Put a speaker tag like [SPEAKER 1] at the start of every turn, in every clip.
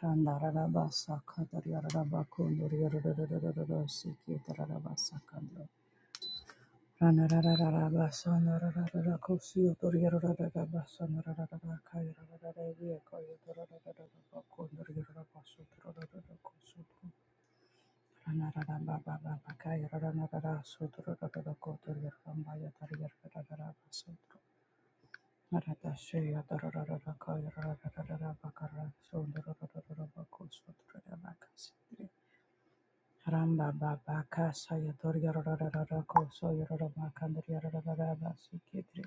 [SPEAKER 1] Randararaba sakata yararaba kundur yarararararara siketa raraba sakandra. Ranararararaba sanarararara kusiyotur yararararaba sanarararara kayarararara yeko yotorarararaba kundur yararaba suturararara kusutu. Ranararaba bababa kayarararara suturararara kotur yararamba yatar yararararaba sutu. Naradashaya darararara kayararararaba karra sundurarararaba Ramba Baba Kasa Yator Yarara Koso Yarara Makandri Yarara Basi Kitri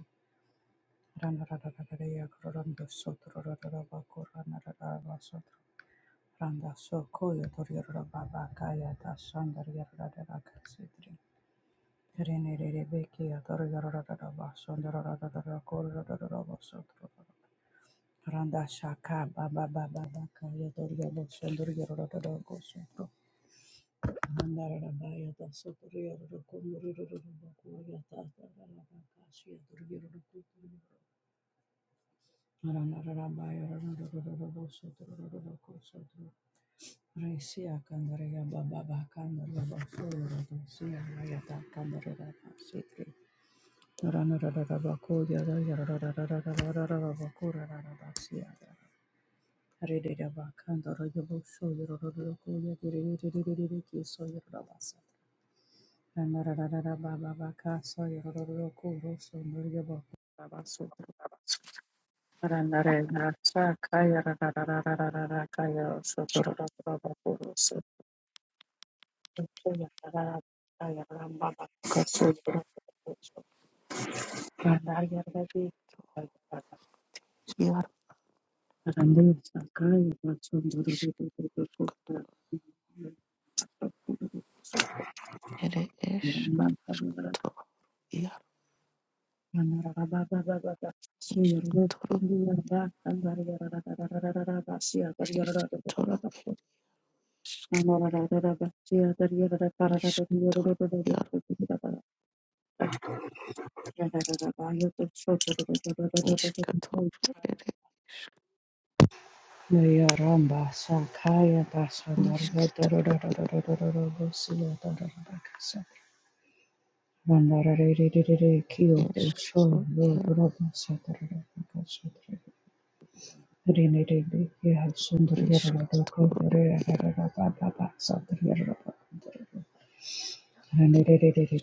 [SPEAKER 1] Randa Raraya Koranda Sotro Raraba Korana Sotro Randa Soko Yator Yarara Kaya Tasandar Yarara Kasitri Rene Rebeki Yator Yarara Basandra Rarara Korara Sotro Randa Shaka Baba Baba Kaya Tor Yabo Sandra Yarara Rana Randa
[SPEAKER 2] Yarmış ere eş toro
[SPEAKER 1] Yaramba
[SPEAKER 2] yarmış toro eş toro eş iş toro yarmış toro ere
[SPEAKER 1] Sakaya
[SPEAKER 2] eş iş
[SPEAKER 1] Basandara
[SPEAKER 2] toro
[SPEAKER 1] Dorosila Dorabakasa Vandara Kyoto
[SPEAKER 2] eş
[SPEAKER 1] Shore
[SPEAKER 2] toro yar
[SPEAKER 1] Rodraba Satara Rinirindi Kiha
[SPEAKER 2] iş
[SPEAKER 1] Sundariarada
[SPEAKER 2] toro
[SPEAKER 1] Kundari
[SPEAKER 2] yar
[SPEAKER 1] Arababa Sandariarada Kundari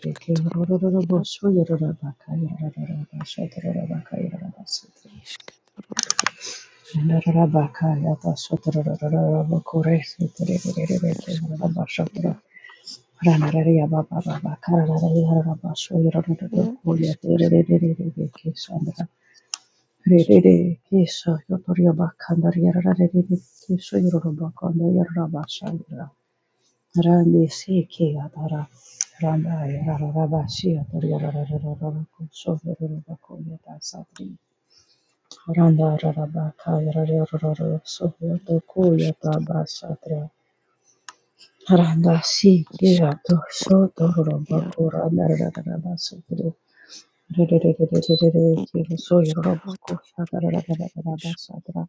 [SPEAKER 2] er iş
[SPEAKER 1] Kiha
[SPEAKER 2] toro
[SPEAKER 1] Rodorabo
[SPEAKER 2] yar
[SPEAKER 1] Suyarabaka Yarada Shadarabaka Yarada Sutri
[SPEAKER 2] iş toro
[SPEAKER 1] Rinarabaka Yata Sutrarabaka Kore Sutri
[SPEAKER 2] eş
[SPEAKER 1] Riniraba
[SPEAKER 2] eş
[SPEAKER 1] Shatra
[SPEAKER 2] yar
[SPEAKER 1] Ranararia Baba Baba Karanaria Rabba Suyarada
[SPEAKER 2] yar
[SPEAKER 1] Kuya
[SPEAKER 2] eş
[SPEAKER 1] Rinirindi Kisandra Rerere Kesha Yotoriaba Kandariara Rerere Kesha Yoroba Kandariaba Shandra Rande Seke Adara Randa Yararaba Shia Toriara Rarara Kusho Yoroba Koyata Satri Randa Raraba Kayara Yororo Soho Toko
[SPEAKER 2] baş toro
[SPEAKER 1] Yataba Satra Randa Seke
[SPEAKER 2] iş
[SPEAKER 1] Ato
[SPEAKER 2] toro
[SPEAKER 1] Shoto
[SPEAKER 2] var
[SPEAKER 1] Roba
[SPEAKER 2] yar
[SPEAKER 1] Koranda Raraba Satri Rerere Kiro
[SPEAKER 2] iş
[SPEAKER 1] Soyoroba
[SPEAKER 2] toro
[SPEAKER 1] Kosha
[SPEAKER 2] ere eş
[SPEAKER 1] Raraba Satra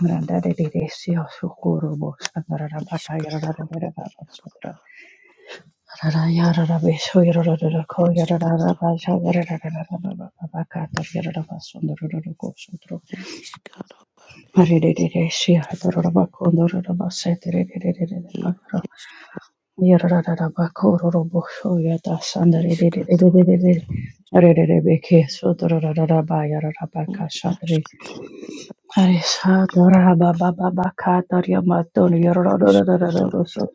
[SPEAKER 1] Grandaddy Desia Sukurubus and
[SPEAKER 2] iş
[SPEAKER 1] rabaka Yarara
[SPEAKER 2] toro yar eş toro ere Ishkaro ere ir ishka ishkatoro ere ir ashkatoro ere ish
[SPEAKER 1] Arisha, Dora, Ba, Ba, Ba, Ba, Ka, Daria,
[SPEAKER 2] ere ishkatoro
[SPEAKER 1] So,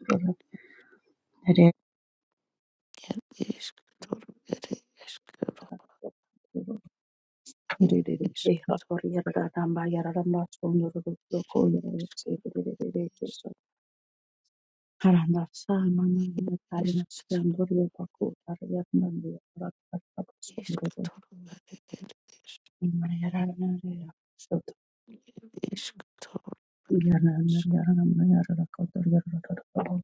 [SPEAKER 2] ere ishkatoro ere ishkaro ir ishkatoro
[SPEAKER 1] So,
[SPEAKER 2] ere
[SPEAKER 1] So. Sa, Ma, Ma, Ma, Ka, Ri, Ma, So,
[SPEAKER 2] ishkatoro
[SPEAKER 1] So,
[SPEAKER 2] ishkatoro ere ere ish
[SPEAKER 1] So,
[SPEAKER 2] ishkatoro ish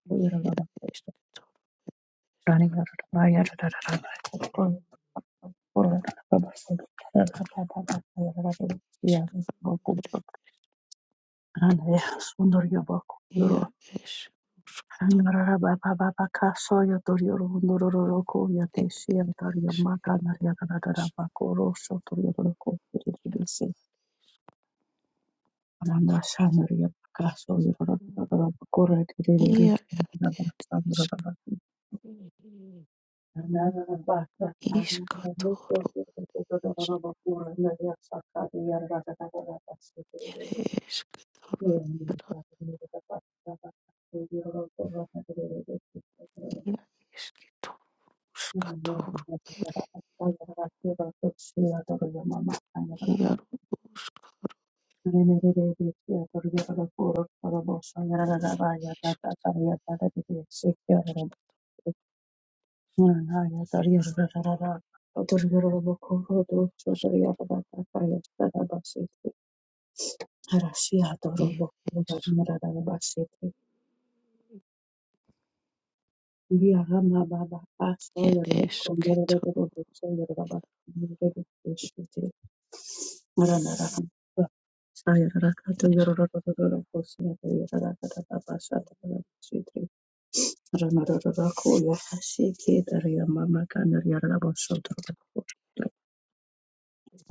[SPEAKER 2] ir ishkatoro
[SPEAKER 1] Randa
[SPEAKER 2] ishka ere
[SPEAKER 1] sundor yobako
[SPEAKER 2] ir
[SPEAKER 1] yoro
[SPEAKER 2] ish ishkatoro
[SPEAKER 1] rara baba baba kaso yotor yoro ndororo roko yate shiyam tar yamaka nar yara rara bako rosho tor yoro roko tiririsi randa shanor yabaka so yoro rara rara bako rara
[SPEAKER 2] ere
[SPEAKER 1] tiririri
[SPEAKER 2] ish
[SPEAKER 1] kinti rara sandor rara
[SPEAKER 2] Iskatoro
[SPEAKER 1] randa rara basa rara rara roko yoro rara rara bako randa yasaka yara rara rara basa
[SPEAKER 2] ere eskatoro iaro ia eskitoro skatoro ere iaro ska
[SPEAKER 1] Harashi adoro
[SPEAKER 2] ia es
[SPEAKER 1] bo, Ya Rama baba, Aso
[SPEAKER 2] ere
[SPEAKER 1] Yororo Kondoro
[SPEAKER 2] eskitoro
[SPEAKER 1] So Yororo baba, Yarara rakata
[SPEAKER 2] es
[SPEAKER 1] yorororororo kosiyata yarara rabasa tarabasitri ranararako yahasiki daria mama kana yarara basotro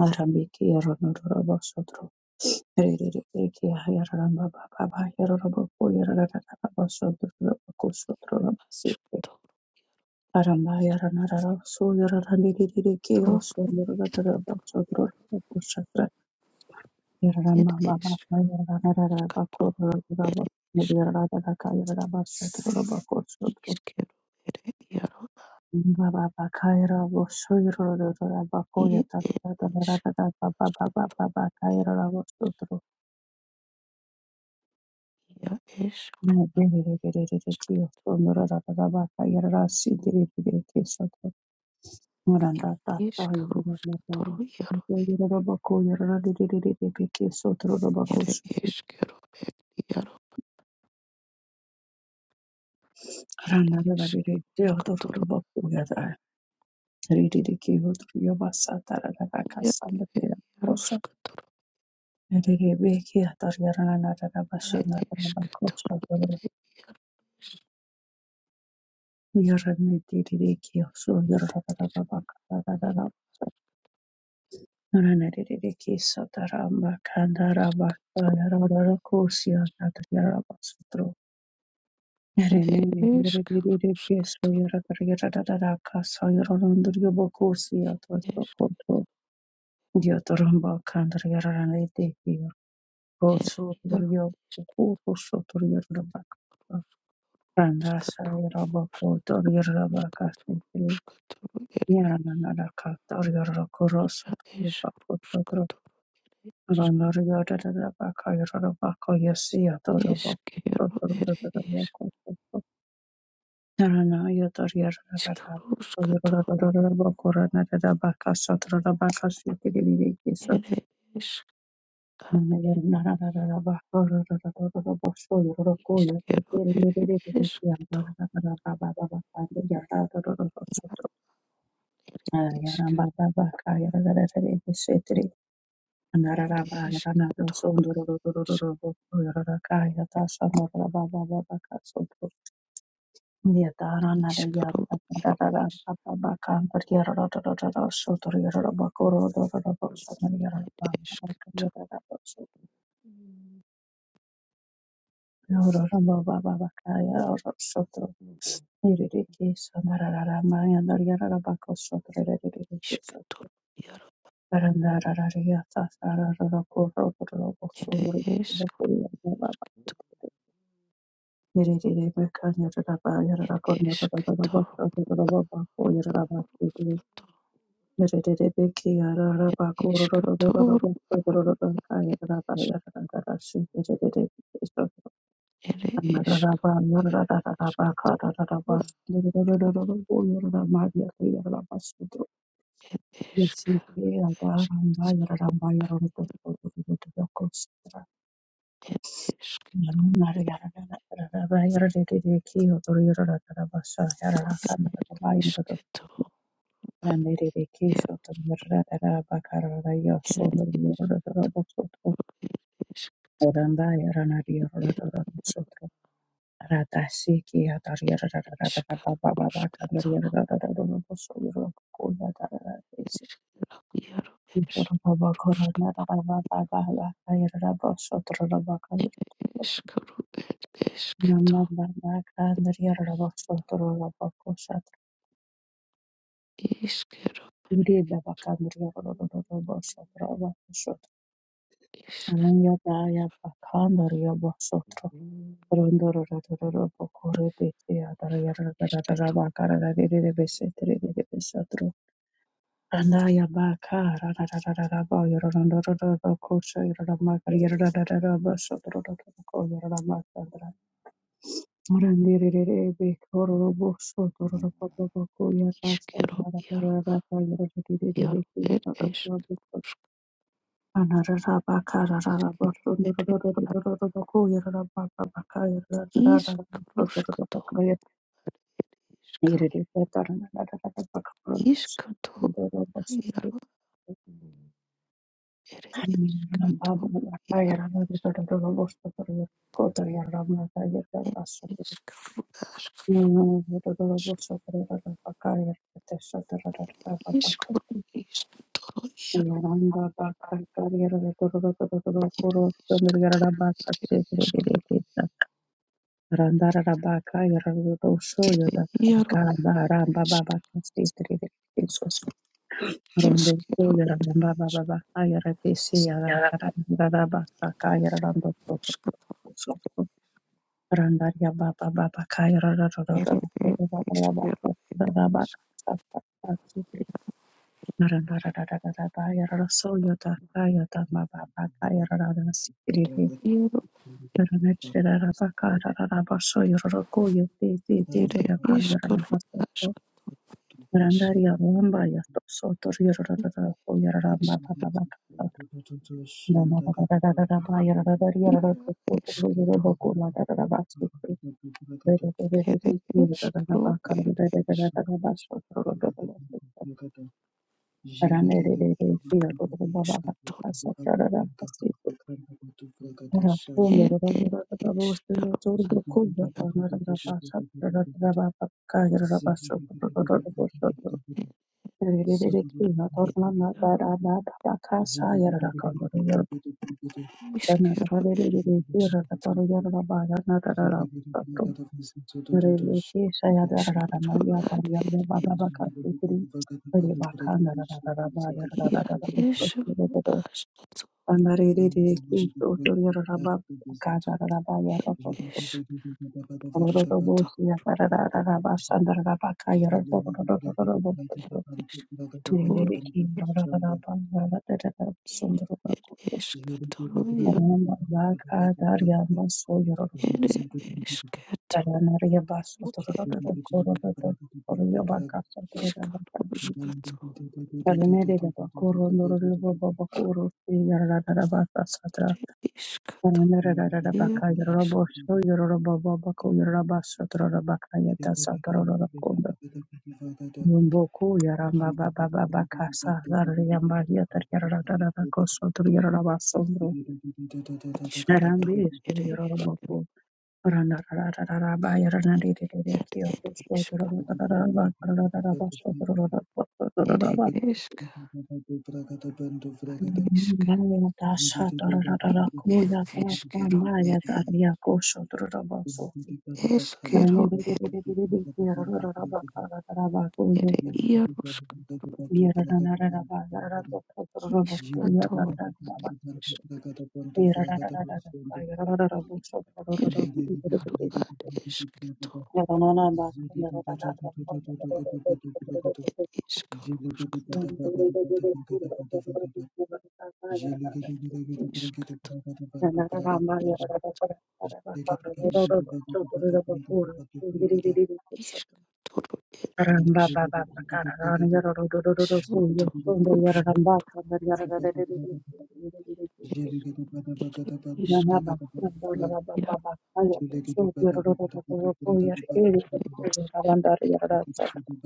[SPEAKER 1] arambiki yarorororo basotro ririririki yarara baba baba yarara bako yarara rabasotro rabako sotro rabasitri
[SPEAKER 2] skatoro
[SPEAKER 1] Aramaya rara so yararandiriririke so yarararaba sodroraba kushatra yararama
[SPEAKER 2] ere es
[SPEAKER 1] mama yararararaba ko
[SPEAKER 2] skatoro ere es
[SPEAKER 1] yararararaka yararaba sodroraba kosodro
[SPEAKER 2] iskero ere iaro
[SPEAKER 1] ka baka yarabo so yararararaba
[SPEAKER 2] ia
[SPEAKER 1] koyatatrata
[SPEAKER 2] es
[SPEAKER 1] yararararaba baba baba baka yararabo sodro
[SPEAKER 2] ia es
[SPEAKER 1] ne deririririke so yarara rara ba ka yararararaba yararasidiririke sodro Muranda tata
[SPEAKER 2] iskaro
[SPEAKER 1] yirara
[SPEAKER 2] skatoro
[SPEAKER 1] matari.
[SPEAKER 2] iaro
[SPEAKER 1] Yirara bako yirara dididididi biki sotoro da bako
[SPEAKER 2] ere
[SPEAKER 1] suku.
[SPEAKER 2] eskero It
[SPEAKER 1] Randa rara
[SPEAKER 2] is
[SPEAKER 1] didi dihotoro da
[SPEAKER 2] Kotoronia,
[SPEAKER 1] bako yada. Rididi ki yotoro yobasa tara rara kasanda dira koso.
[SPEAKER 2] Yaroskator,
[SPEAKER 1] Riri biki atar yarana narara
[SPEAKER 2] it
[SPEAKER 1] basanda rara
[SPEAKER 2] is
[SPEAKER 1] bako
[SPEAKER 2] Kator,
[SPEAKER 1] sotoro. Yarani dididi ki yosu yirara rara
[SPEAKER 2] it
[SPEAKER 1] Nerene
[SPEAKER 2] is
[SPEAKER 1] yere biri kes
[SPEAKER 2] Karuskator,
[SPEAKER 1] yere targeta da da da kas yere randır yo bokus ya to
[SPEAKER 2] it
[SPEAKER 1] to
[SPEAKER 2] is
[SPEAKER 1] koto yo to ramba kandır yere ranı de yo kosu tur
[SPEAKER 2] Yaroskator,
[SPEAKER 1] yo boku kosu tur yere ramba Randa sa yere boku tur
[SPEAKER 2] Turuskator,
[SPEAKER 1] yere ramba kas tepeli yere nana da kas tur yere korosu
[SPEAKER 2] it
[SPEAKER 1] yo
[SPEAKER 2] is
[SPEAKER 1] boku tur
[SPEAKER 2] Ruskator,
[SPEAKER 1] randır yo da da da baka yere ramba koyası ya to ramba
[SPEAKER 2] is
[SPEAKER 1] kosu
[SPEAKER 2] Kero,
[SPEAKER 1] tur
[SPEAKER 2] it
[SPEAKER 1] da da da
[SPEAKER 2] is
[SPEAKER 1] boku
[SPEAKER 2] Iskaruskator, it is Iskero, it is Kator,
[SPEAKER 1] Yarara
[SPEAKER 2] Isk, it is Kator,
[SPEAKER 1] Yarara
[SPEAKER 2] Iskaro, it is Ishketor yaro ere eshketor ere eshketor ishketor ere eshketor ere eshketor ere
[SPEAKER 1] Yarara
[SPEAKER 2] eshketor ere eshketor ishketor yaro
[SPEAKER 1] Randiririkisho tumuradara bakarara
[SPEAKER 2] ere
[SPEAKER 1] yosondo yorodoro
[SPEAKER 2] eshketor
[SPEAKER 1] bosotro
[SPEAKER 2] eshketor
[SPEAKER 1] orandaya ranario
[SPEAKER 2] ere
[SPEAKER 1] rodoro bosotro radashiki adarierarararara
[SPEAKER 2] eshketor
[SPEAKER 1] baba baba
[SPEAKER 2] ishketor
[SPEAKER 1] kandarierarararara bosoro kuya darararisi
[SPEAKER 2] yaro
[SPEAKER 1] yoro baba
[SPEAKER 2] eshketor
[SPEAKER 1] korona baba baba bakayarara bosotro rabakayarara
[SPEAKER 2] eshketor ere
[SPEAKER 1] namna
[SPEAKER 2] eshketor
[SPEAKER 1] baba kandarierara bosotro rabakosatra
[SPEAKER 2] Iskero,
[SPEAKER 1] uri baba kandarierararara bosotro
[SPEAKER 2] isk,
[SPEAKER 1] Ananyabaya bakandariya basotro
[SPEAKER 2] iaro,
[SPEAKER 1] rondororororo bokorede yadarayarararara
[SPEAKER 2] isketo,
[SPEAKER 1] bakarararere beseterere besatro randaya bakarararara bayorondorororo kosha yoramakarararara basotro koyoramakandra murandirere bekororo bosotro boko
[SPEAKER 2] iskero,
[SPEAKER 1] yatasandara
[SPEAKER 2] iaro,
[SPEAKER 1] yororere
[SPEAKER 2] iaro, er, esk,
[SPEAKER 1] Yaranda bakar yarada
[SPEAKER 2] iskero,
[SPEAKER 1] kuru
[SPEAKER 2] er, iaro,
[SPEAKER 1] kuru kuru yarada bakar
[SPEAKER 2] iskruskto, iska, iskato, iaro, er, iskato, iaro, er, iskru, ask, iskru, iskto, iaro, iskato, er, esk,
[SPEAKER 1] Randarabaka Yarosho
[SPEAKER 2] iaro,
[SPEAKER 1] Yodakaranda Ramba
[SPEAKER 2] isk,
[SPEAKER 1] Baba Kastitriri Isko Rondo
[SPEAKER 2] eskero,
[SPEAKER 1] Yaramba
[SPEAKER 2] isk,
[SPEAKER 1] Baba Yaratisi Yarababa Saka Yarando Soto
[SPEAKER 2] iskero,
[SPEAKER 1] Soto Randaria Baba Baba Kairaba
[SPEAKER 2] er, er, iskero,
[SPEAKER 1] Narandara Yarosho Yodaka Yodama Baba Kairada Sitri
[SPEAKER 2] iaro, ere iskaro ask isk ia esk
[SPEAKER 1] Rana
[SPEAKER 2] ere iskaro ed esk isk isk toro
[SPEAKER 1] Thank
[SPEAKER 2] ed ed iskaro isk ed ed iaro iskero ed isk
[SPEAKER 1] you.
[SPEAKER 2] toro iskero ad ed isk ia esoro ask toro isk ed isk isk toro
[SPEAKER 1] Yarabakaya,
[SPEAKER 2] isk toro ia ia ed isk toro ia ere isk toro ir išk iškaru iškatu ir iškatu ir išk
[SPEAKER 1] Mumboku yaramba baba baba kasa yaramba yatar yarararara koso tur yararaba sondro yarambe
[SPEAKER 2] iškaturu
[SPEAKER 1] estu
[SPEAKER 2] ir
[SPEAKER 1] yararaboko
[SPEAKER 2] iškaru
[SPEAKER 1] ranararararaba
[SPEAKER 2] ir
[SPEAKER 1] yaranadededede kiyo
[SPEAKER 2] ir
[SPEAKER 1] koso
[SPEAKER 2] iška
[SPEAKER 1] turarararaba karararaba so turararaba so turararaba
[SPEAKER 2] ir iška ar iška
[SPEAKER 1] Maya dasha tarararara
[SPEAKER 2] ir
[SPEAKER 1] kuya kasa
[SPEAKER 2] iškeru
[SPEAKER 1] maya
[SPEAKER 2] ir
[SPEAKER 1] darya kosho turaraba so
[SPEAKER 2] iškeru ir
[SPEAKER 1] yaranadededede kiyo rararaba karararaba
[SPEAKER 2] ir ieruška
[SPEAKER 1] Thank
[SPEAKER 2] iškaturu ar išk ir ieru ar iškatu ir iškaru iškaturu iškatu išk išk
[SPEAKER 1] you.
[SPEAKER 2] iškaturu ir
[SPEAKER 1] Ramba baba bakara rani yara ro ro ro ro ro ku yo
[SPEAKER 2] Šunto
[SPEAKER 1] shondo yara ramba
[SPEAKER 2] ruškto
[SPEAKER 1] kanda yara ra re re re re re re re re re
[SPEAKER 2] ir
[SPEAKER 1] ku ina
[SPEAKER 2] išk
[SPEAKER 1] na ba shondo yara ba ba
[SPEAKER 2] jaro
[SPEAKER 1] ba kaya to shondo yara ro ro ro ro ro ku yara e re ku yara
[SPEAKER 2] ir
[SPEAKER 1] randa yara ra sa yara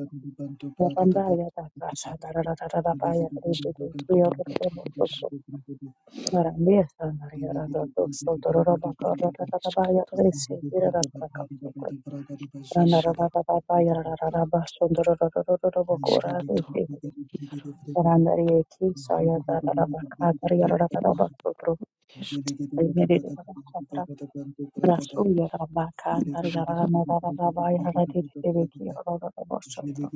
[SPEAKER 1] randa yara ta ka sa da ra ra ra ra ra ba yara re re re ku yara ro
[SPEAKER 2] išktoro ir
[SPEAKER 1] ro ro ro
[SPEAKER 2] iš
[SPEAKER 1] ku yara me sa na yara da to shondo ro ro ba ka ra ra ra ra ba yara
[SPEAKER 2] iškto
[SPEAKER 1] re se yara ra ra ka so, ku randa
[SPEAKER 2] išk
[SPEAKER 1] ra ra ra ra ba yara ra ra ra ba shondo ro ro ro ro ro ro ku ra re
[SPEAKER 2] iškto
[SPEAKER 1] se
[SPEAKER 2] jaro
[SPEAKER 1] Randarie kisa yadarabaka dariyarabasotro
[SPEAKER 2] išk išk
[SPEAKER 1] yerirabasatra
[SPEAKER 2] jaro
[SPEAKER 1] rasu yarabaka
[SPEAKER 2] iš juška
[SPEAKER 1] dariyaranadarababa yaradirireki yarabasotro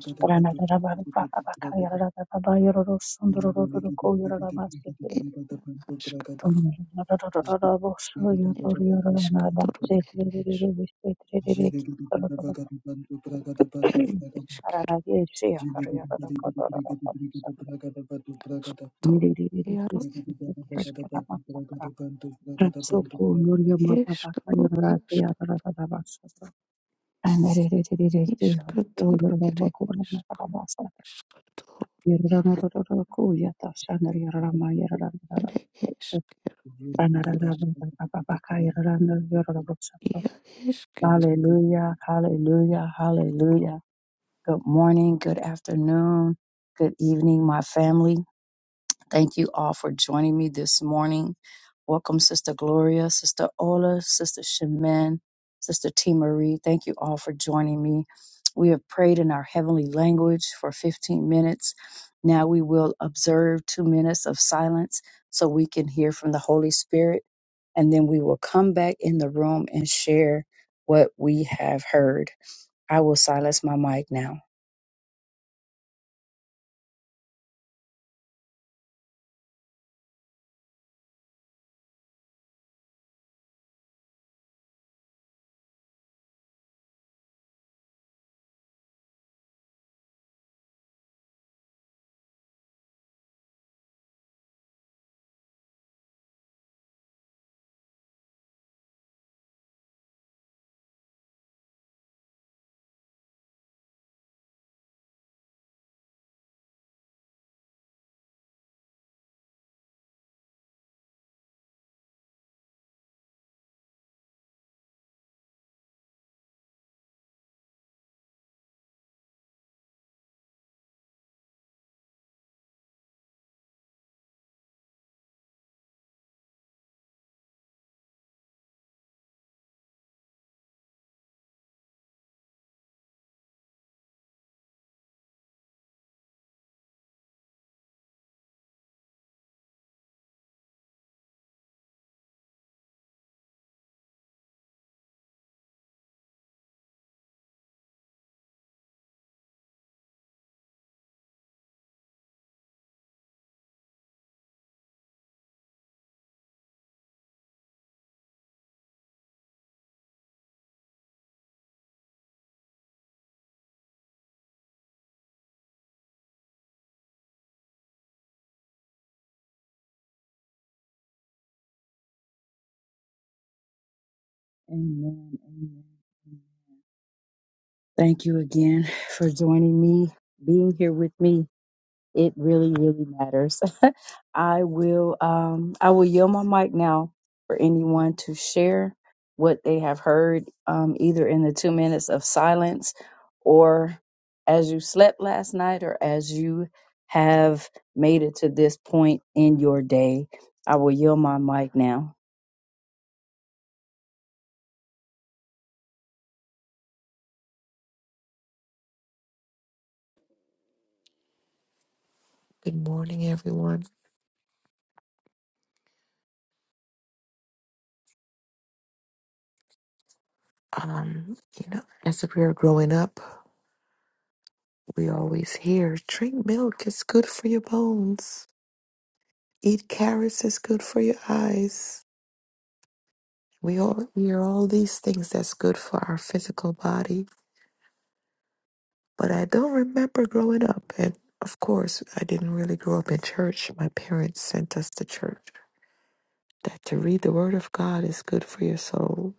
[SPEAKER 2] išk
[SPEAKER 1] ranadabarabaka yarababa yarosundurururko yarabasitiri
[SPEAKER 2] ir iškto
[SPEAKER 1] yarabasotro
[SPEAKER 2] ir išktoro ir iš
[SPEAKER 1] yarabasitiriririki
[SPEAKER 2] ir išk ir
[SPEAKER 1] ranadirie yarabaka darabasatra
[SPEAKER 2] iškto
[SPEAKER 1] yerireki
[SPEAKER 2] jaro išk
[SPEAKER 1] yarabasatra Rapsokonoria
[SPEAKER 2] iškru išk
[SPEAKER 1] mababakanya rarapea rarararabasasa. Anererererereke
[SPEAKER 2] išktoro ir iš
[SPEAKER 1] olorobakona nararabasa.
[SPEAKER 2] iškto
[SPEAKER 1] Yerararararakuya tasanaria raramaya
[SPEAKER 2] ir
[SPEAKER 1] rarararara. Ranararararababakaya rararararabasasa.
[SPEAKER 2] išk ir jaro
[SPEAKER 1] Hallelujah, hallelujah, hallelujah. Good morning, good afternoon, good evening, my family. Thank you all for joining me this morning. Welcome, Sister Gloria, Sister Ola, Sister Shemin, Sister T. Marie. Thank you all for joining me. We have prayed in our heavenly language for 15 minutes. Now we will observe two minutes of silence so we can hear from the Holy Spirit. And then we will come back in the room and share what we have heard. I will silence my mic now. Amen. Amen. Thank you again for joining me, being here with me. It really, really matters. I will um I will yield my mic now for anyone to share what they have heard um either in the 2 minutes of silence or as you slept last night or as you have made it to this point in your day. I will yield my mic now.
[SPEAKER 2] Good morning, everyone. Um, you know, as we were growing up, we always hear drink milk is good for your bones, eat carrots is good for your eyes. We all hear all these things that's good for our physical body, but I don't remember growing up. And of course, I didn't really grow up in church. My parents sent us to church that to read the Word of God is good for your soul.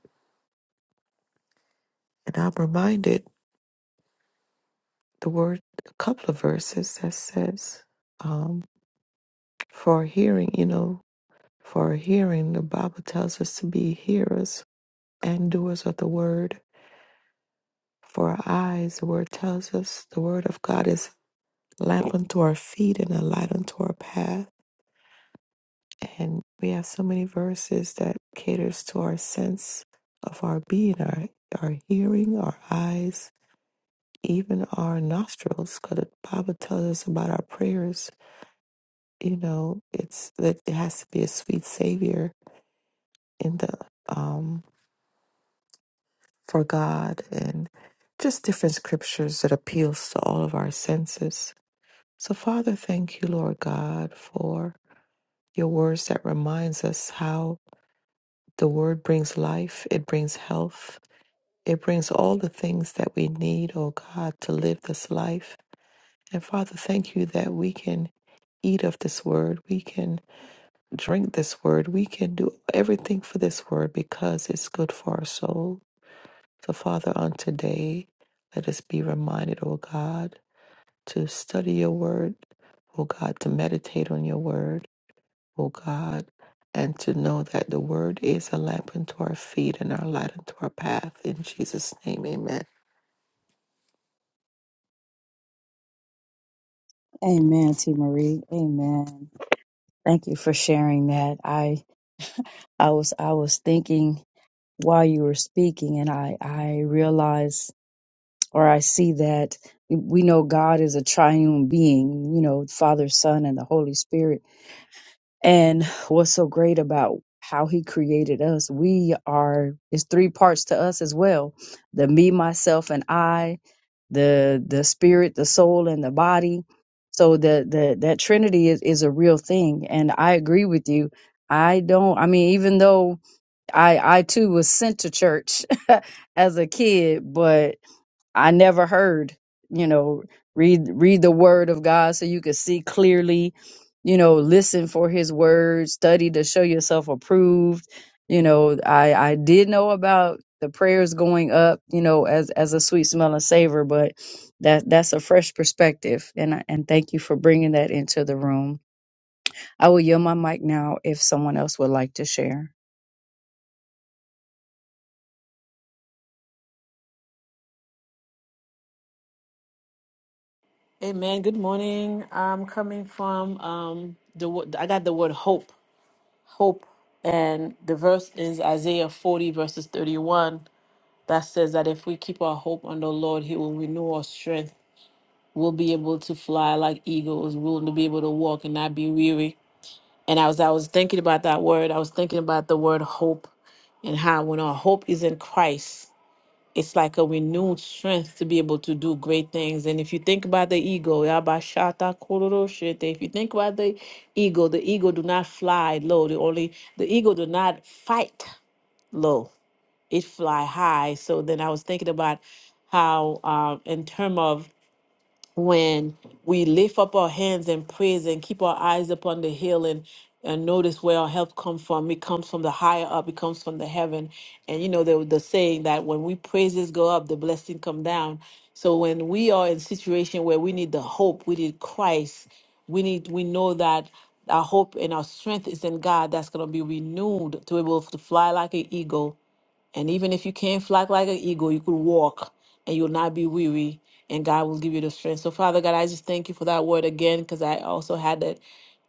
[SPEAKER 2] And I'm reminded the word, a couple of verses that says, um, for hearing, you know, for hearing. The Bible tells us to be hearers and doers of the word. For our eyes, the word tells us the word of God is a lamp unto our feet and a light unto our path. And we have so many verses that caters to our sense of our being, our our hearing, our eyes, even our nostrils, because the Bible tells us about our prayers. You know, it's that it has to be a sweet savior in the um for God and just different scriptures that appeals to all of our senses. So Father, thank you, Lord God, for your words that reminds us how the word brings life, it brings health, it brings all the things that we need, oh God, to live this life. And Father, thank you that we can eat of this word, we can drink this word, we can do everything for this word because it's good for our soul. So, Father, on today, let us be reminded, O God, to study your word, O God, to meditate on your word, O God, and to know that the word is a lamp unto our feet and our light unto our path. In Jesus' name, amen.
[SPEAKER 1] Amen, T Marie. Amen. Thank you for sharing that. I I was I was thinking while you were speaking, and I, I realize or I see that we know God is a triune being, you know, Father, Son, and the Holy Spirit. And what's so great about how He created us, we are, it's three parts to us as well the me, myself, and I, the the spirit, the soul, and the body. So the, the that Trinity is, is a real thing. And I agree with you. I don't, I mean, even though I I too was sent to church as a kid, but I never heard, you know, read read the word of God so you could see clearly, you know, listen for his word, study to show yourself approved. You know, I I did know about the prayers going up, you know, as as a sweet smell and savor, but that that's a fresh perspective and I, and thank you for bringing that into the room. I will yield my mic now if someone else would like to share.
[SPEAKER 3] Hey man, good morning. I'm coming from um the wo- I got the word hope, hope, and the verse is Isaiah 40 verses 31 that says that if we keep our hope on the Lord, He will renew our strength. We'll be able to fly like eagles. We'll be able to walk and not be weary. And as I was thinking about that word, I was thinking about the word hope and how when our hope is in Christ it's like a renewed strength to be able to do great things. And if you think about the ego, yabashata kororoshete, if you think about the ego, the ego do not fly low. The only the ego do not fight low. It fly high. So then I was thinking about how um, in term of when we lift up our hands in praise and keep our eyes upon the hill and and notice where our help comes from. It comes from the higher up. It comes from the heaven. And you know the the saying that when we praises go up, the blessing come down. So when we are in situation where we need the hope, we need Christ. We need we know that our hope and our strength is in God. That's gonna be renewed to be able to fly like an eagle and even if you can't flock like an eagle, you could walk and you'll not be weary, and God will give you the strength. So, Father God, I just thank you for that word again because I also had that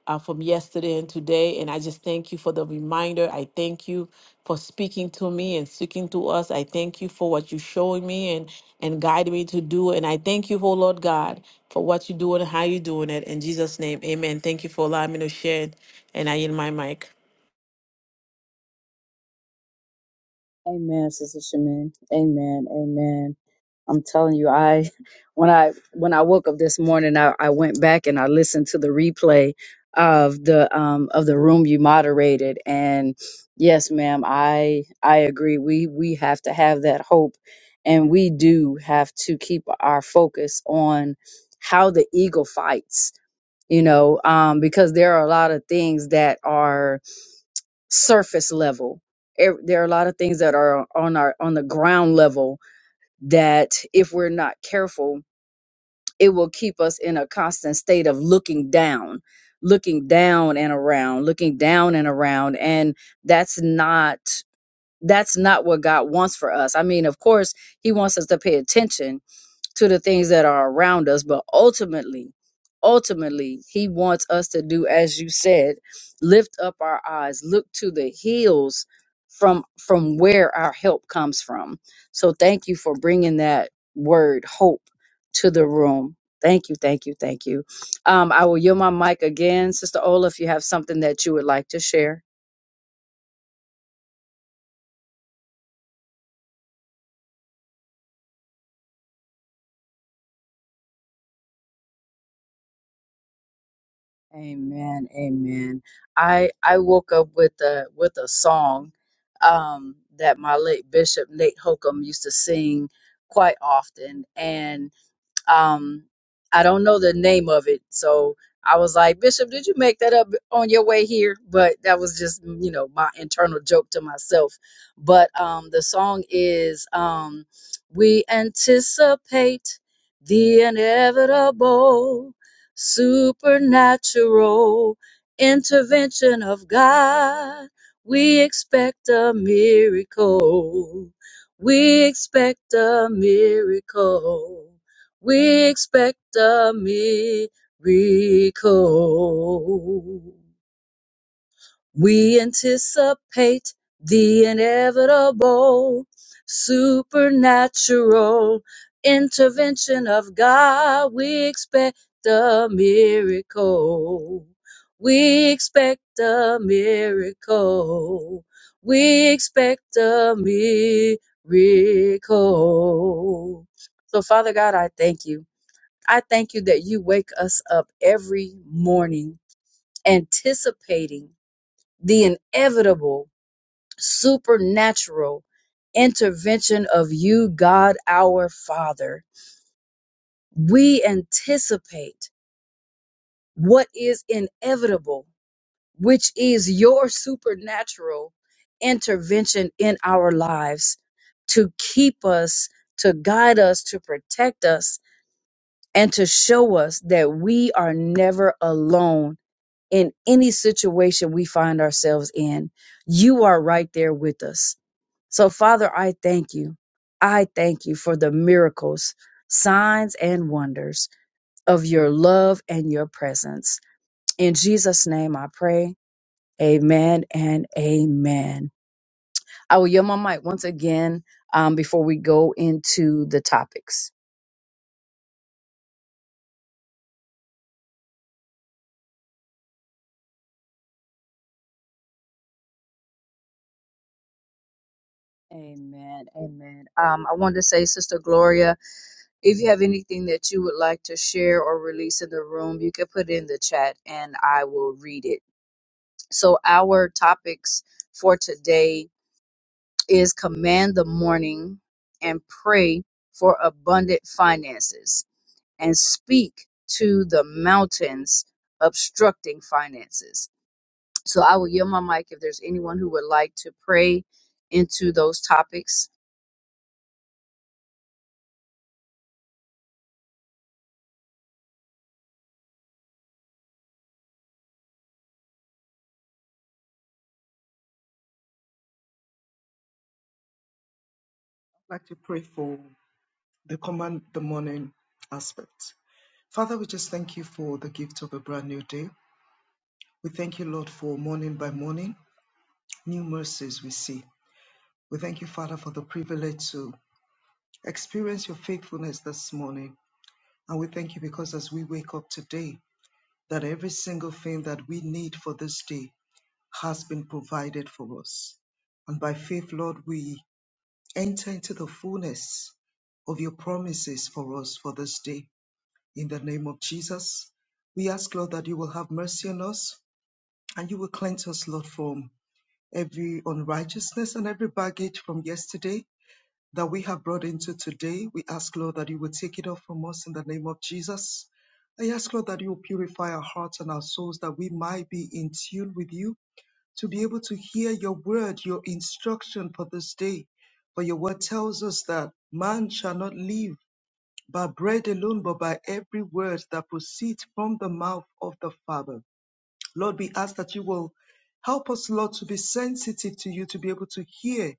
[SPEAKER 3] uh, from yesterday and today. And I just thank you for the reminder. I thank you for speaking to me and speaking to us. I thank you for what you're showing me and, and guiding me to do. And I thank you, oh Lord God, for what you're doing and how you're doing it. In Jesus' name, amen. Thank you for allowing me to share. And I yield my mic.
[SPEAKER 1] Amen, Sister Shamin. Amen. Amen. I'm telling you, I when I when I woke up this morning, I, I went back and I listened to the replay of the um of the room you moderated. And yes, ma'am, I I agree. We we have to have that hope and we do have to keep our focus on how the eagle fights, you know, um, because there are a lot of things that are surface level. Ev- There are a lot of things that are on our on the ground level that if we're not careful, it will keep us in a constant state of looking down, looking down and around, looking down and around and that's not that's not what God wants for us. I mean, of course, he wants us to pay attention to the things that are around us. But ultimately, ultimately, He wants us to do, as you said, lift up our eyes, look to the hills from from where our help comes from. So thank you for bringing that word hope to the room. Thank you, thank you, thank you. Um, I will yield my mic again, Sister Ola, if you have something that you would like to share. Amen. Amen. I I woke up with a with a song um that my late bishop Nate Holcomb used to sing quite often and. Um, I don't know the name of it, so I was like, Bishop, did you make that up on your way here? But that was just, mm, you know, my internal joke to myself. But um, the song is um, "We anticipate the inevitable, supernatural intervention of God. We expect a miracle." We expect a miracle. We expect a miracle. We anticipate the inevitable supernatural intervention of God. We expect a miracle. We expect a miracle. We expect a miracle. So, Father God, I thank you. I thank you that you wake us up every morning anticipating the inevitable supernatural intervention of you, God our Father. We anticipate what is inevitable, which is your supernatural intervention in our lives to keep us, to guide us, to protect us, and to show us that we are never alone in any situation we find ourselves in, you are right there with us. So, Father, I thank you. I thank you for the miracles, signs, and wonders of your love and your presence. In Jesus' name I pray. Amen and amen. I will yield my mic once again um, before we go into the topics. Amen. Amen. Um, I wanted to say, Sister Gloria. If you have anything that you would like to share or release in the room, you can put it in the chat and I will read it. So, our topics for today is command the morning and pray for abundant finances and speak to the mountains obstructing finances. So, I will yield my mic if there's anyone who would like to pray into those topics.
[SPEAKER 4] as we wake up today that every single thing that we need for this day has been provided for us. And by faith, Lord, we enter into the fullness of your promises for us for this day. In the name of Jesus, we ask, Lord, that you will have mercy on us and you will cleanse us, Lord, from every unrighteousness and every baggage from yesterday that we have brought into today. We ask, Lord, that you will take it off from us in the name of Jesus. I ask, Lord, that you will purify our hearts and our souls that we might be in tune with you to be able to hear your word, your instruction for this day. For your word tells us that man shall not live by bread alone, but by every word that proceeds from the mouth of the Father. Lord, we ask that you will help us, Lord, to be sensitive to you, to be able to hear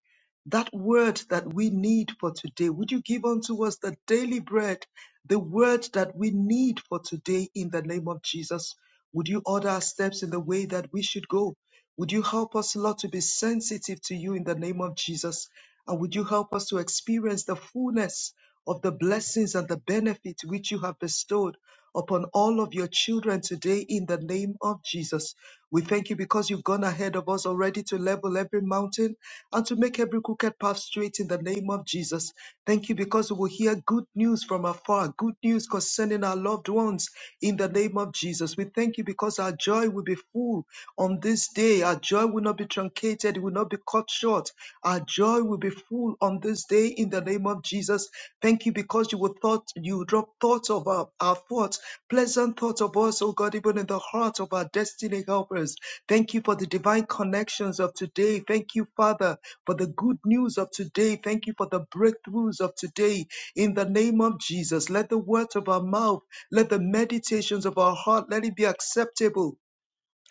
[SPEAKER 4] that word that we need for today. Would you give unto us the daily bread, the word that we need for today in the name of Jesus? Would you order our steps in the way that we should go? Would you help us, Lord, to be sensitive to you in the name of Jesus? And would you help us to experience the fullness of the blessings and the benefit which you have bestowed? upon all of your children today in the name of Jesus. We thank you because you've gone ahead of us already to level every mountain and to make every crooked path straight in the name of Jesus. Thank you because we will hear good news from afar, good news concerning our loved ones in the name of Jesus. We thank you because our joy will be full on this day. Our joy will not be truncated, it will not be cut short. Our joy will be full on this day in the name of Jesus. Thank you because you will thought you drop thoughts of our, our thoughts Pleasant thoughts of us, O God, even in the heart of our destiny helpers. Thank you for the divine connections of today. Thank you, Father, for the good news of today. Thank you for the breakthroughs of today. In the name of Jesus, let the words of our mouth, let the meditations of our heart, let it be acceptable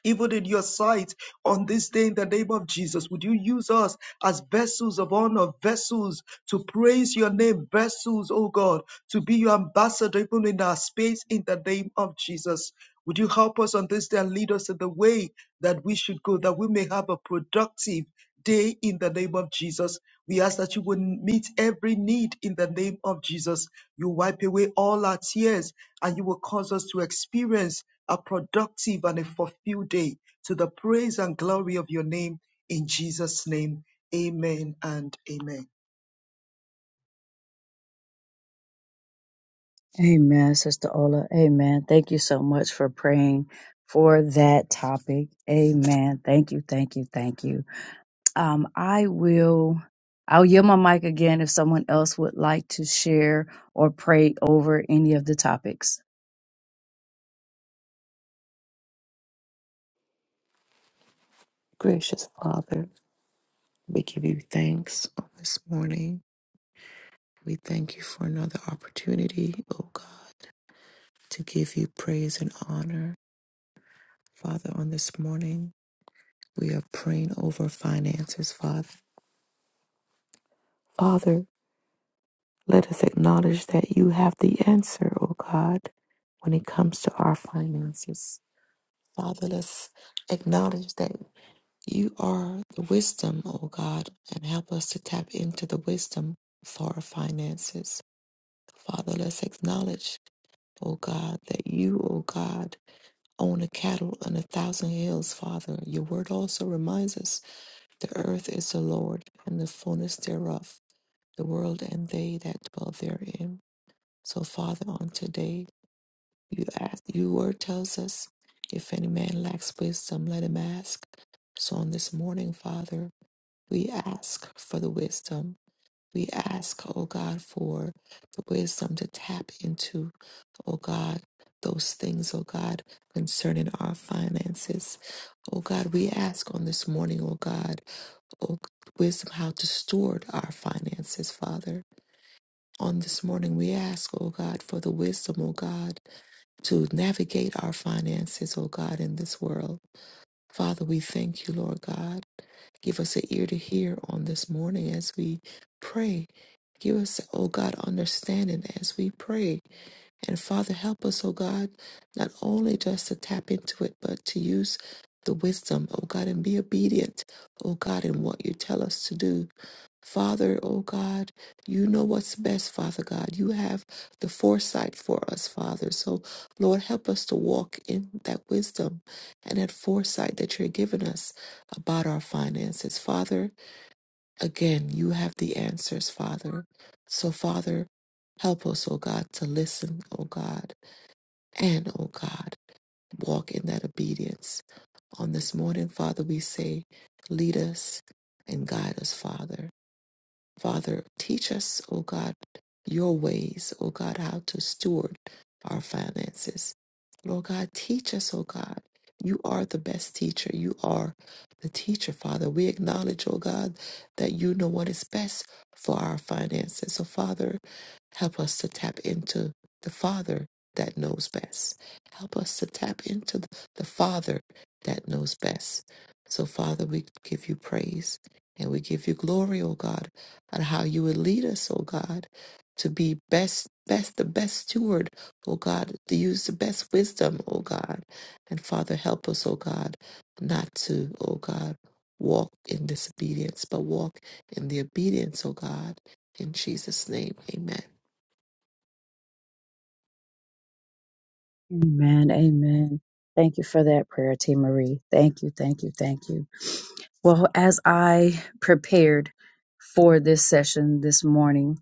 [SPEAKER 4] even in your sight on this day in the name of Jesus. Would you use us as vessels of honor, vessels to praise your name, vessels, oh God, to be your ambassador even in our space in the name of Jesus. Would you help us on this day and lead us in the way that we should go, that we may have a productive day in the name of Jesus. We ask that you would meet every need in the name of Jesus. You wipe away all our tears and you will cause us to experience a productive and a fulfilled day to the praise and glory of your name. In Jesus' name, amen and amen.
[SPEAKER 1] Amen, Sister Ola. Amen. Thank you so much for praying for that topic. Amen. Thank you, thank you, thank you. Um, I will, I'll yield my mic again if someone else would like to share or pray over any of the topics.
[SPEAKER 2] Gracious Father, we give you thanks on this morning. We thank you for another opportunity, O God, to give you praise and honor. Father, on this morning, we are praying over finances, Father. Father, Let us acknowledge that you have the answer, O God, when it comes to our finances. Father, let's acknowledge that you are the wisdom, O God, and help us to tap into the wisdom for our finances. Father, let's acknowledge, O God, that you, O God, own a cattle on a thousand hills, Father. Your word also reminds us the earth is the Lord and the fullness thereof, the world and they that dwell therein. So, Father, on today, you ask, your word tells us, if any man lacks wisdom, let him ask. So, on this morning, Father, we ask for the wisdom. We ask, oh God, for the wisdom to tap into, oh God, those things, oh God, concerning our finances. Oh God, we ask on this morning, oh God, oh wisdom how to steward our finances, Father. On this morning, we ask, oh God, for the wisdom, oh God, to navigate our finances, O God, in this world. Father, we thank you, Lord God. Give us an ear to hear on this morning as we pray. Give us, O God, understanding as we pray. And Father, help us, oh God, not only just to tap into it, but to use the wisdom, oh God, and be obedient, oh God, in what you tell us to do. Father, oh God, you know what's best, Father God. You have the foresight for us, Father. So, Lord, help us to walk in that wisdom and that foresight that you're giving us about our finances. Father, Again, you have the answers, Father. So, Father, help us, O God, to listen, O God, and, O God, walk in that obedience. On this morning, Father, we say, lead us and guide us, Father. Father, teach us, O God, your ways, O God, how to steward our finances. Lord God, teach us, O God. You are the best teacher. You are the teacher, Father. We acknowledge, O God, that you know what is best for our finances. So, Father, help us to tap into the Father that knows best. Help us to tap into th- the Father that knows best. So, Father, we give you praise and we give you glory, O God and how you would lead us, oh God, to be best, best, the best steward, oh God, to use the best wisdom, oh God. And Father, help us, oh God, not to, oh God, walk in disobedience, but walk in the obedience, oh God. In Jesus' name, amen.
[SPEAKER 1] Amen, amen. Thank you for that prayer, T. Marie. Thank you, thank you, thank you. Well, as I prepared for this session this morning,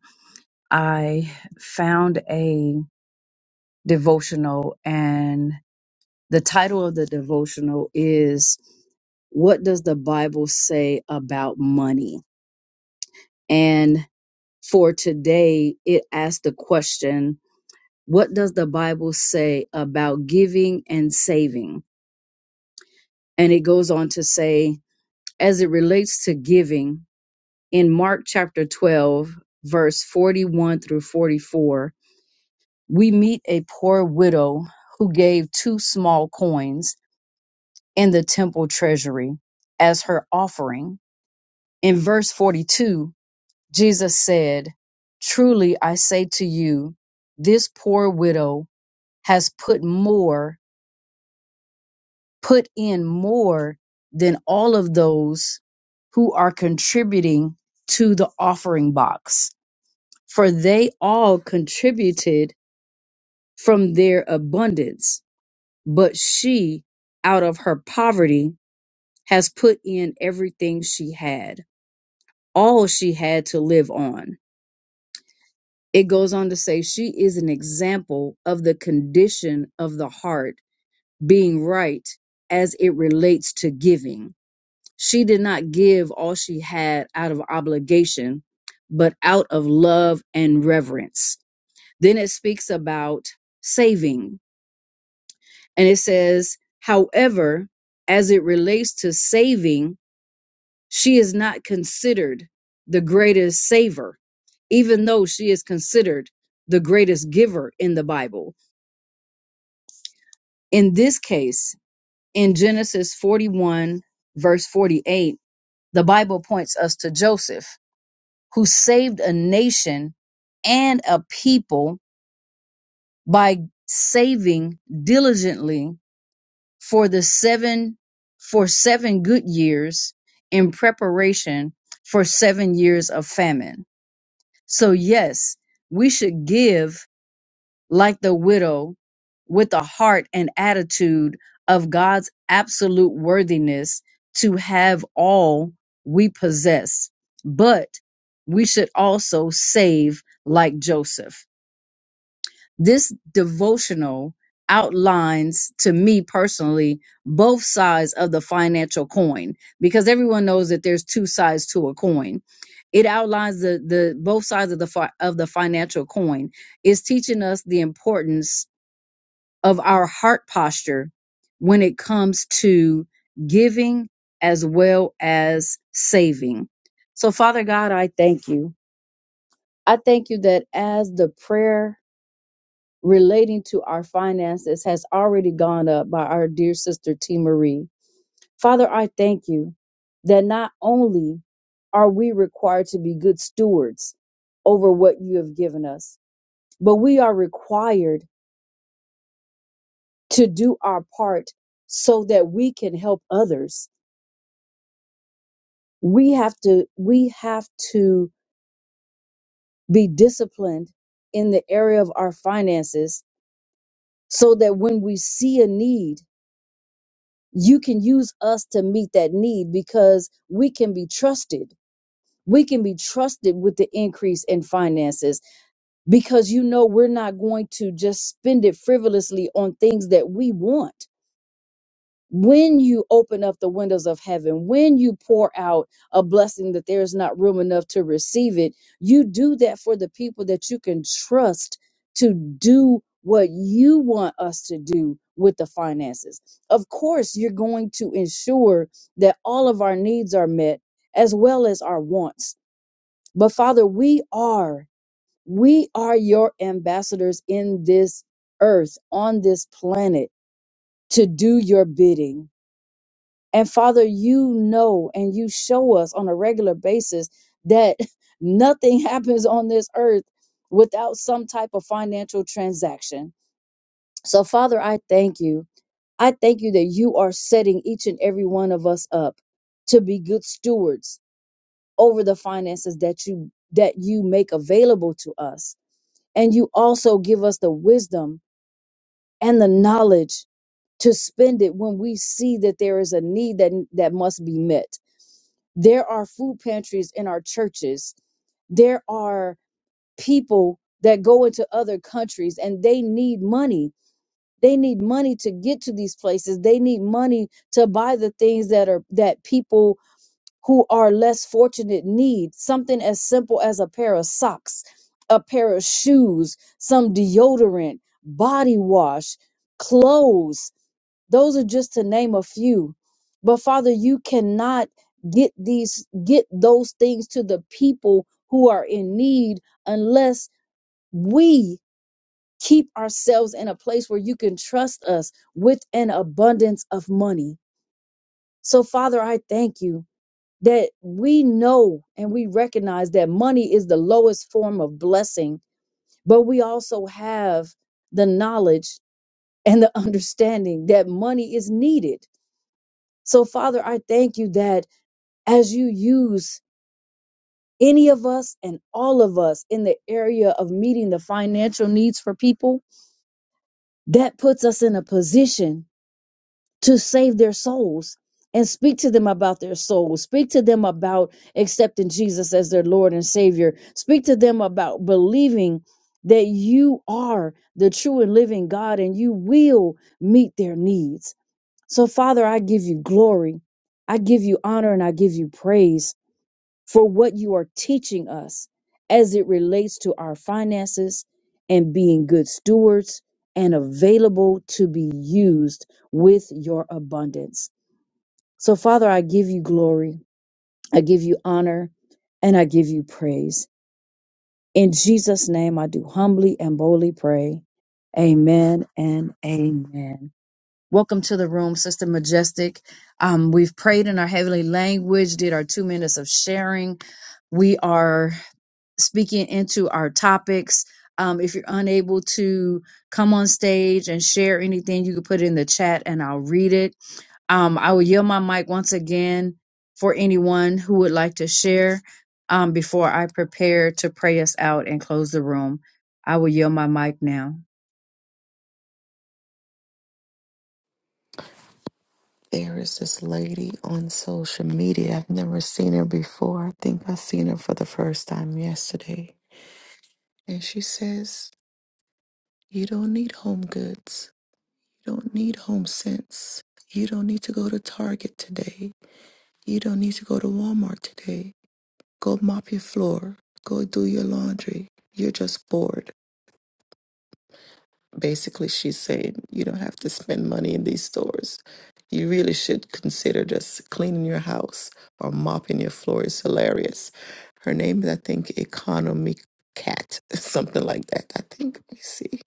[SPEAKER 1] I found a devotional and the title of the devotional is what does the bible say about money and for today it asked the question what does the bible say about giving and saving and it goes on to say as it relates to giving in mark chapter 12 verse 41 through 44 we meet a poor widow who gave two small coins in the temple treasury as her offering. In verse 42, Jesus said, Truly I say to you, this poor widow has put more, put in more than all of those who are contributing to the offering box, for they all contributed from their abundance, but she out of her poverty has put in everything she had all she had to live on. It goes on to say she is an example of the condition of the heart being right as it relates to giving. She did not give all she had out of obligation, but out of love and reverence. Then it speaks about saving, and it says, however, as it relates to saving, She is not considered the greatest saver, even though she is considered the greatest giver in the Bible. In this case, in Genesis 41, verse 48, the Bible points us to Joseph, who saved a nation and a people by saving diligently for the seven for seven good years in preparation for seven years of famine So, yes, we should give like the widow with a heart and attitude of God's absolute worthiness to have all we possess. But we should also save like Joseph. This devotional outlines to me personally both sides of the financial coin because everyone knows that there's two sides to a coin. It outlines the the both sides of the fi- of the financial coin. It's teaching us the importance of our heart posture when it comes to giving as well as saving. So Father God, I thank you. I thank you that as the prayer relating to our finances has already gone up by our dear sister T. Marie. Father, I thank you that not only are we required to be good stewards over what you have given us, but we are required to do our part so that we can help others. We have to we have to be disciplined in the area of our finances so that when we see a need you can use us to meet that need because we can be trusted. We can be trusted with the increase in finances because you know we're not going to just spend it frivolously on things that we want when you open up the windows of heaven, when you pour out a blessing that there is not room enough to receive it, you do that for the people that you can trust to do what you want us to do with the finances. Of course, you're going to ensure that all of our needs are met as well as our wants. But Father, we are, we are your ambassadors in this earth, on this planet to do your bidding and Father, you know and you show us on a regular basis that nothing happens on this earth without some type of financial transaction. So, Father, I thank you. I thank you that you are setting each and every one of us up to be good stewards over the finances that you that you make available to us. And you also give us the wisdom and the knowledge to spend it when we see that there is a need that that must be met. There are food pantries in our churches. There are people that go into other countries and they need money. They need money to get to these places. They need money to buy the things that are that people who are less fortunate need. Something as simple as a pair of socks, a pair of shoes, some deodorant, body wash, clothes those are just to name a few. But Father, you cannot get these get those things to the people who are in need unless we keep ourselves in a place where you can trust us with an abundance of money. So Father, I thank you that we know and we recognize that money is the lowest form of blessing, but we also have the knowledge and the understanding that money is needed So, Father, I thank you that as you use any of us and all of us in the area of meeting the financial needs for people, that puts us in a position to save their souls and speak to them about their souls. Speak to them about accepting Jesus as their Lord and Savior. Speak to them about believing that you are the true and living God and you will meet their needs. So, Father, I give you glory. I give you honor and I give you praise. for what you are teaching us as it relates to our finances and being good stewards and available to be used with your abundance. So, Father, I give you glory, I give you honor, and I give you praise. In Jesus' name, I do humbly and boldly pray. Amen and amen. Welcome to the room, Sister Majestic. Um, we've prayed in our heavenly language, did our two minutes of sharing. We are speaking into our topics. Um, if you're unable to come on stage and share anything, you can put it in the chat and I'll read it. Um, I will yield my mic once again for anyone who would like to share um, before I prepare to pray us out and close the room. I will yield my mic now.
[SPEAKER 2] There is this lady on social media. I've never seen her before. I think I seen her for the first time yesterday. And she says, You don't need home goods. You don't need home sense. You don't need to go to Target today. You don't need to go to Walmart today. Go mop your floor. Go do your laundry. You're just bored. Basically, she's saying you don't have to spend money in these stores. You really should consider just cleaning your house or mopping your floor. It's hilarious. Her name is, I think, Economy Cat, something like that. I think, let me see.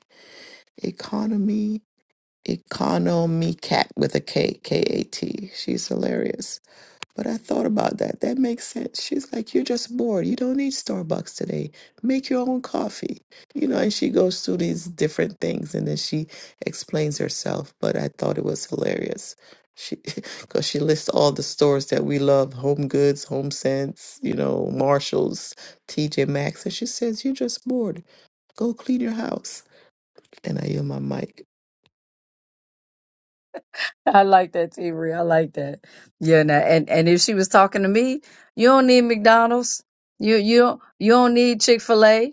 [SPEAKER 2] Economy Economy Cat with a K, K A T. She's hilarious. But I thought about that. That makes sense. She's like, You're just bored. You don't need Starbucks today. Make your own coffee. You know, and she goes through these different things and then she explains herself. But I thought it was hilarious. She, because she lists all the stores that we love Home Goods, Home Sense, you know, Marshalls, TJ Maxx. And she says, You're just bored. Go clean your house. And I yield my mic.
[SPEAKER 1] I like that, Avery. I like that. Yeah, and and and if she was talking to me, you don't need McDonald's. You you you don't need Chick Fil A.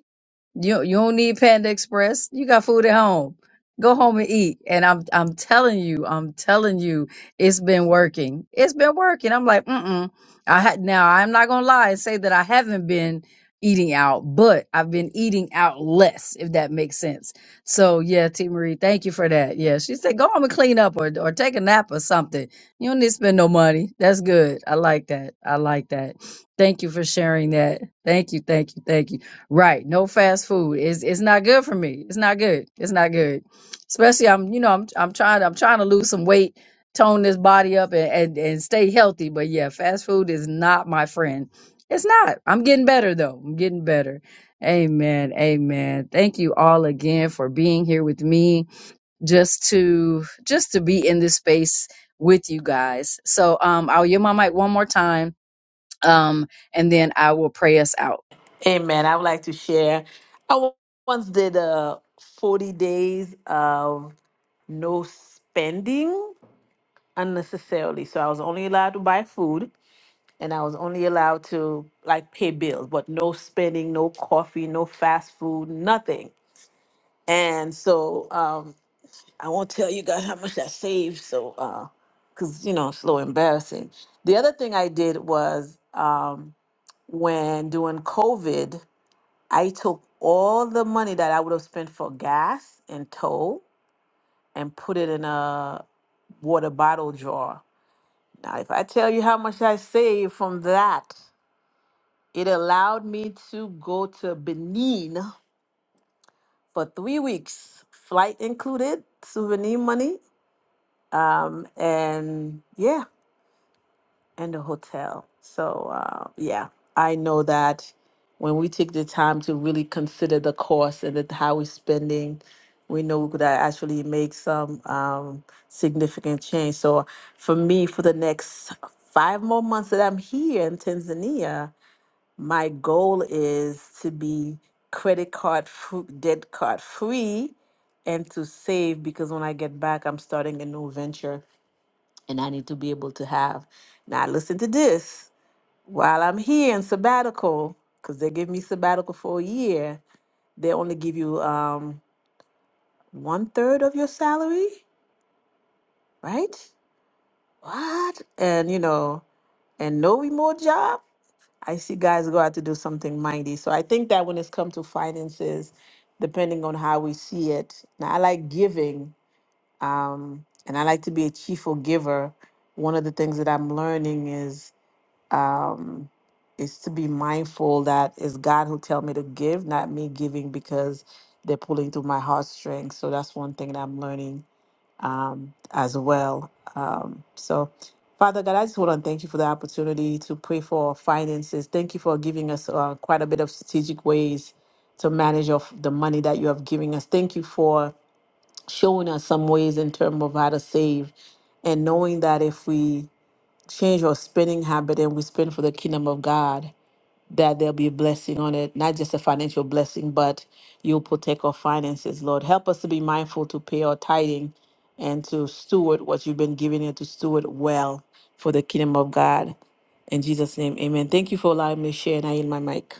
[SPEAKER 1] You you don't need Panda Express. You got food at home. Go home and eat. And I'm I'm telling you, I'm telling you, it's been working. It's been working. I'm like, mm-mm. I had now I'm not gonna lie and say that I haven't been eating out, but I've been eating out less, if that makes sense. So yeah, T Marie, thank you for that. Yeah. She said go home and clean up or or take a nap or something. You don't need to spend no money. That's good. I like that. I like that. Thank you for sharing that. Thank you, thank you, thank you. Right. No fast food. It's it's not good for me. It's not good. It's not good. Especially I'm you know, I'm I'm trying I'm trying to lose some weight, tone this body up and, and, and stay healthy. But yeah, fast food is not my friend. It's not. I'm getting better though. I'm getting better. Amen. Amen. Thank you all again for being here with me. Just to just to be in this space with you guys. So um I'll yield my mic one more time. Um and then I will pray us out.
[SPEAKER 3] Amen. I would like to share. I once did uh, 40 days of no spending unnecessarily. So I was only allowed to buy food and I was only allowed to like pay bills, but no spending, no coffee, no fast food, nothing. And so um, I won't tell you guys how much I saved. So, uh, because, you know, it's a little embarrassing. The other thing I did was um, when doing COVID. I took all the money that I would have spent for gas and tow and put it in a water bottle drawer. Now, if I tell you how much I saved from that, it allowed me to go to Benin for three weeks, flight included, souvenir money. Um, and yeah, and the hotel. So, uh, yeah, I know that when we take the time to really consider the cost and that how we're spending, we know we could actually make some um, significant change. So, for me, for the next five more months that I'm here in Tanzania, my goal is to be credit card, fr- debt card free, and to save because when I get back, I'm starting a new venture and I need to be able to have. Now, listen to this. While I'm here in sabbatical, because they give me sabbatical for a year, they only give you um, one third of your salary, right? What? And you know, and no remote job. I see guys go out to do something mighty. So I think that when it's come to finances, depending on how we see it, now I like giving, um, and I like to be a cheerful giver. One of the things that I'm learning is um, is to be mindful that it's God who tell me to give, not me giving because they're pulling through my heartstrings. So that's one thing that I'm learning um, as well. Um, so, Father God, I just want to thank you for the opportunity to pray for our finances. Thank you for giving us uh, quite a bit of strategic ways to manage of the money that you have given us. Thank you for showing us some ways in terms of how to save and knowing that if we change your spending habit and we spend for the kingdom of God, that there'll be a blessing on it, not just a financial blessing, but you'll protect our finances, Lord. Help us to be mindful to pay our tithing and to steward what you've been giving and to steward well for the kingdom of God. In Jesus' name, amen. Thank you for allowing me to share and I yield my mic.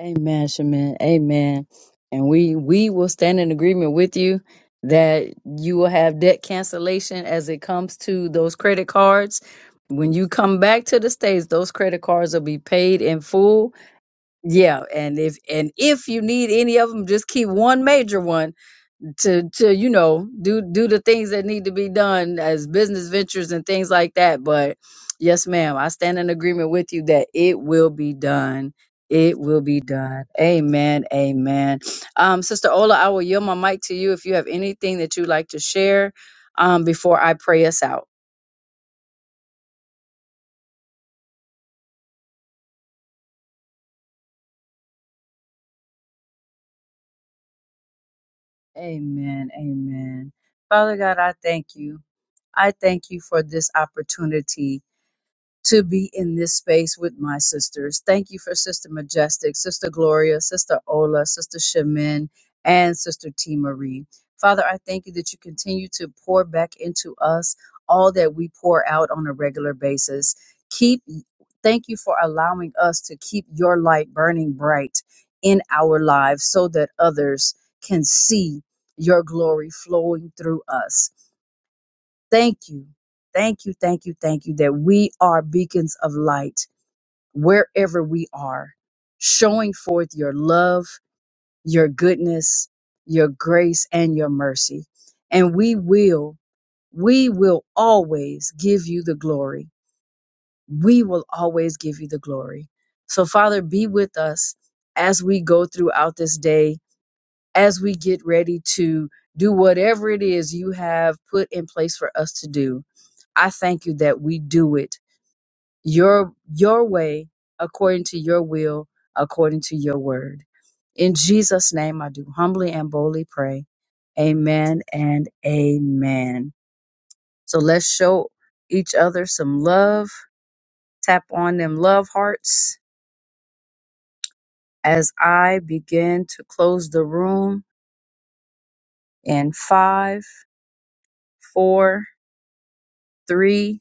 [SPEAKER 1] Amen, Shaman. Amen. And we we will stand in agreement with you that you will have debt cancellation as it comes to those credit cards. When you come back to the States, those credit cards will be paid in full. Yeah, and if and if you need any of them, just keep one major one to to you know do do the things that need to be done as business ventures and things like that but yes ma'am i stand in agreement with you that it will be done it will be done amen amen um sister ola i will yield my mic to you if you have anything that you'd like to share um before i pray us out amen amen father god i thank you i thank you for this opportunity to be in this space with my sisters. Thank you for Sister Majestic, Sister Gloria, Sister Ola, Sister Shemin, and Sister T. Marie. Father, I thank you that you continue to pour back into us all that we pour out on a regular basis. Keep thank you for allowing us to keep your light burning bright in our lives so that others can see your glory flowing through us. Thank you. Thank you, thank you, thank you that we are beacons of light wherever we are, showing forth your love, your goodness, your grace, and your mercy. And we will, we will always give you the glory. We will always give you the glory. So, Father, be with us as we go throughout this day, as we get ready to do whatever it is you have put in place for us to do I thank you that we do it your your way according to your will, according to your word. In Jesus name I do humbly and boldly pray. Amen and amen. So let's show each other some love. Tap on them love hearts as I begin to close the room in five, four, three,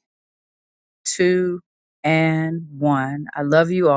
[SPEAKER 1] two, and one. I love you all.